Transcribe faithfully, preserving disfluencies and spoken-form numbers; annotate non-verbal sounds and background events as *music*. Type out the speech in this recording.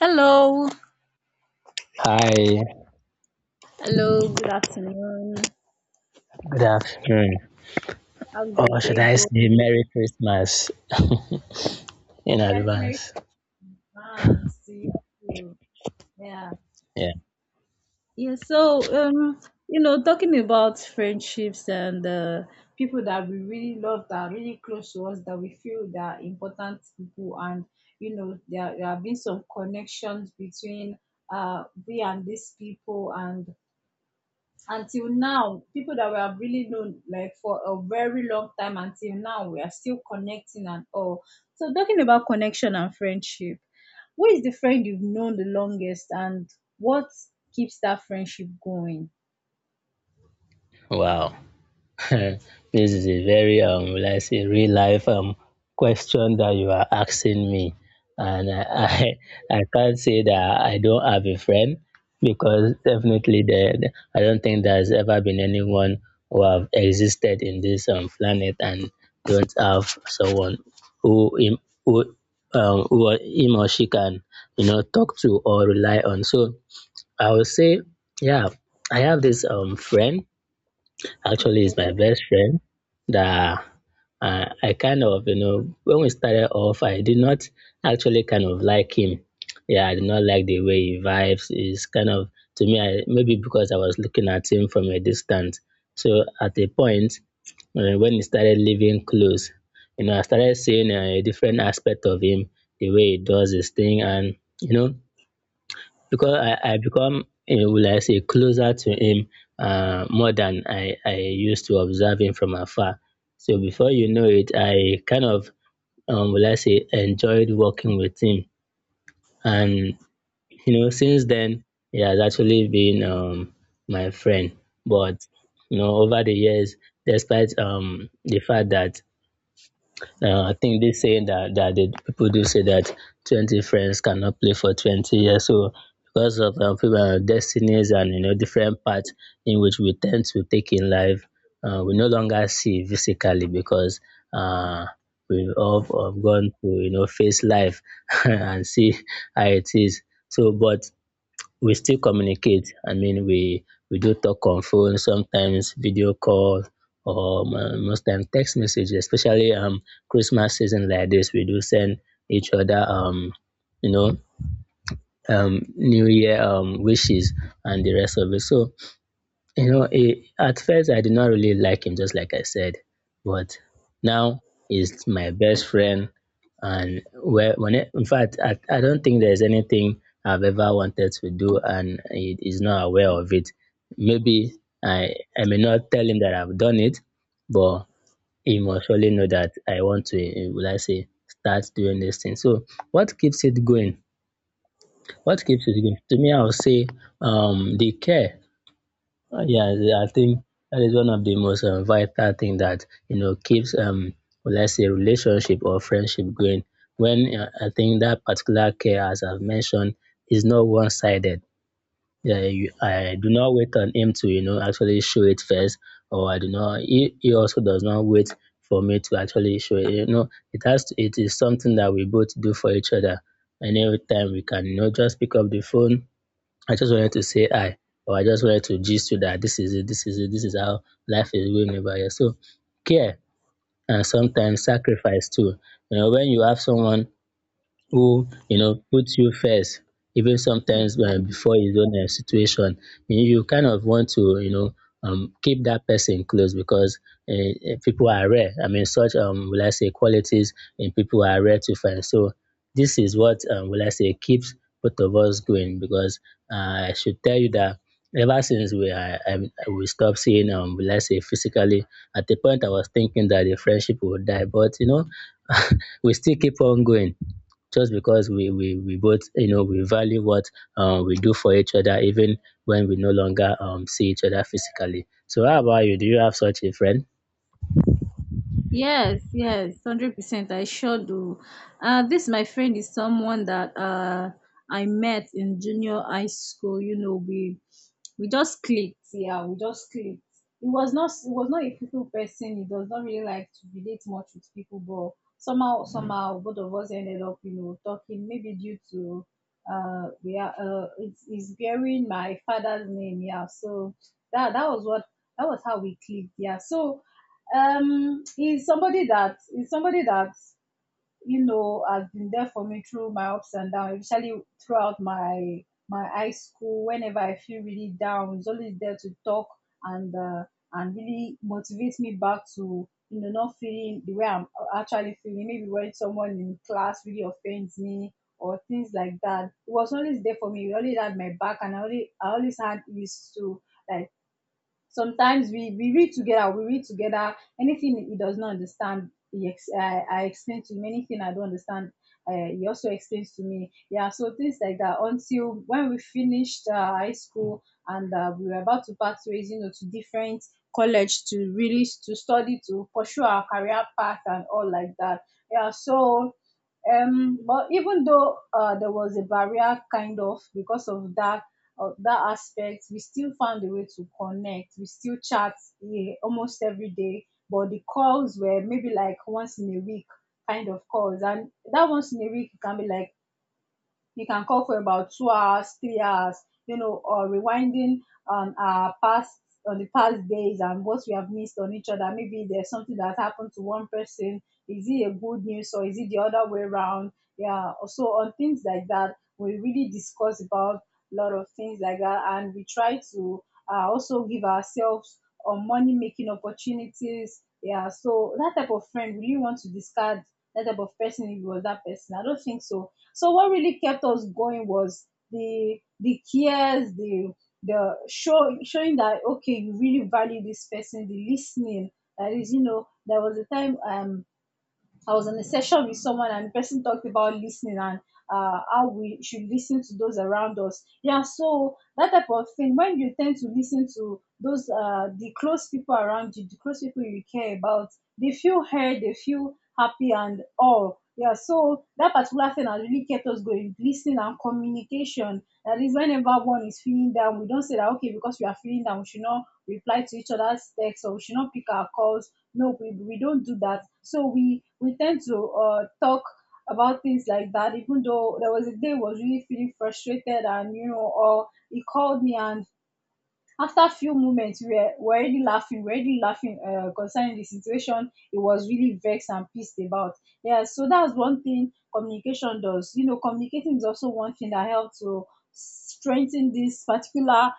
Hello. Hi, Hello. Good afternoon. good afternoon. How's the Or should day I going? say Merry Christmas in Yes, Merry advance? Christmas to you. Too. Yeah. Yeah. Yeah. So, um, you know, talking about friendships and uh, people that we really love, that are really close to us, that we feel they are important people, and you know, there, there have been some connections between uh we and these people, and until now, people that we have really known like for a very long time, until now we are still connecting and all. So talking about connection and friendship, who is the friend you've known the longest, and what keeps that friendship going? Wow. *laughs* This is a very, um, will I say, real life um, question that you are asking me. And I, *laughs* I, I can't say that I don't have a friend because definitely the, the- I don't think there's ever been anyone who have existed in this um, planet and don't have someone who him, who, um, who or- him or she can you know talk to or rely on. So I would say, yeah, I have this um friend. Actually, is my Okay. best friend that uh, I kind of, you know, when we started off, I did not actually kind of like him. Yeah, I did not like the way he vibes. Is kind of, to me, I, maybe because I was looking at him from a distance. So at a point, uh, when he started living close, you know, I started seeing uh, a different aspect of him, the way he does his thing. And, you know, because I, I become eh, will I say closer to him, uh, more than I, I used to observe him from afar. So before you know it, I kind of um, will I say enjoyed working with him, and you know since then he has actually been um, my friend. But you know over the years, despite um, the fact that uh, I think they saying that that the people do say that twenty friends cannot play for twenty years. So because of um, people, uh, destinies and you know different paths in which we tend to take in life, uh, we no longer see physically because uh, we've all um, gone to you know face life *laughs* and see how it is. So, but we still communicate. I mean, we we do talk on phone, sometimes video call, or mo- most time text message. Especially um Christmas season like this, we do send each other um you know um New Year um wishes and the rest of it. So you know eh, at first I did not really like him just like I said, but now he's my best friend. And where when it, in fact, I, I don't think there's anything I've ever wanted to do and he is not aware of it. Maybe i i may not tell him that I've done it, but he must surely know that I want to eh, will I say start doing this thing. So what keeps it going? What keeps it going? To me, I would say um the care. uh, yeah, I think that is one of the most um, vital thing that you know keeps um let's say relationship or friendship going. When uh, I think that particular care, as I've mentioned, is not one sided. Yeah, you, I do not wait on him to you know actually show it first, or I do not. He, he also does not wait for me to actually show it. You know, it has to, it is something that we both do for each other. And every time we can you know just pick up the phone. I just wanted to say hi, or I just wanted to gist you that this is it, this is it, this is how life is going over here. So care, and sometimes sacrifice too. You know, when you have someone who you know puts you first, even sometimes uh, Okay. before his own uh, situation, you, you kind of want to you know um, keep that person close, because uh, uh, people are rare. I mean, such um will I say qualities in people are rare to find. So this is what um, will I say keeps both of us going, because uh, I should tell you that ever since we I, I, we stopped seeing um will I say physically, at the point I was thinking that the friendship would die, but you know *laughs* we still keep on going just because we, we, we both, you know, we value what uh, we do for each other, even when we no longer um, see each other physically. So, how about you? Do you have such a friend? Yes, yes, one hundred percent. I sure do. Uh, this, my friend, is someone that uh, I met in junior high school. You know, we we just clicked. Yeah, we just clicked. It was not, it was not a people person. He does not really like to relate much with people, but somehow somehow both of us ended up, you know, talking. Maybe due to uh, we are uh, it's, it's bearing my father's name. Yeah, so that that was what that was how we clicked. Yeah, so um, he's somebody that he's somebody that, you know, has been there for me through my ups and downs, especially throughout my my high school. Whenever I feel really down, he's always there to talk and uh, and really motivate me back to, you know, not feeling the way I'm actually feeling. Maybe when someone in class really offends me or things like that, he was always there for me. He always had my back, and I always I always had his to. Like sometimes we, we read together, we read together Anything he does not understand, he ex- I, I explain to him. Anything I don't understand, uh, he also explains to me. Yeah, so things like that, until when we finished uh, high school and uh, we were about to part ways, you know, to different college, to really s- to study, to pursue our career path and all like that. Yeah, so um but even though uh, there was a barrier, kind of because of that uh, that aspect, we still found a way to connect. We still chat eh, almost every day, but the calls were maybe like once in a week kind of calls, and that once in a week can be like, you can call for about two hours, three hours, you know, or rewinding on our past, on the past days, and what we have missed on each other. Maybe there's something that happened to one person. Is it a good news or is it the other way around? Yeah. So on things like that, we really discuss about a lot of things like that, and we try to uh, also give ourselves on money making opportunities. Yeah. So that type of friend, we really want to discard that type of person. If it was that person, I don't think so. So what really kept us going was the the cares, the the show showing that okay, you really value this person, the listening. That is, you know, there was a time um I was in a session with someone and the person talked about listening, and uh, how we should listen to those around us. Yeah, so that type of thing, when you tend to listen to those, uh, the close people around you, the close people you care about, they feel heard, they feel happy and all. Yeah, so that particular thing has really kept us going. Listening and communication. That is whenever one is feeling down, we don't say that okay, because we are feeling down, we should not reply to each other's texts or we should not pick our calls. No, we we don't do that. So we we tend to uh talk about things like that. Even though there was a day I was really feeling frustrated and, you know, or he called me, and after a few moments we were, were already laughing, we were already laughing uh, concerning the situation he was really vexed and pissed about. Yeah, so that's one thing communication does. You know, communicating is also one thing that helps to strengthen this particular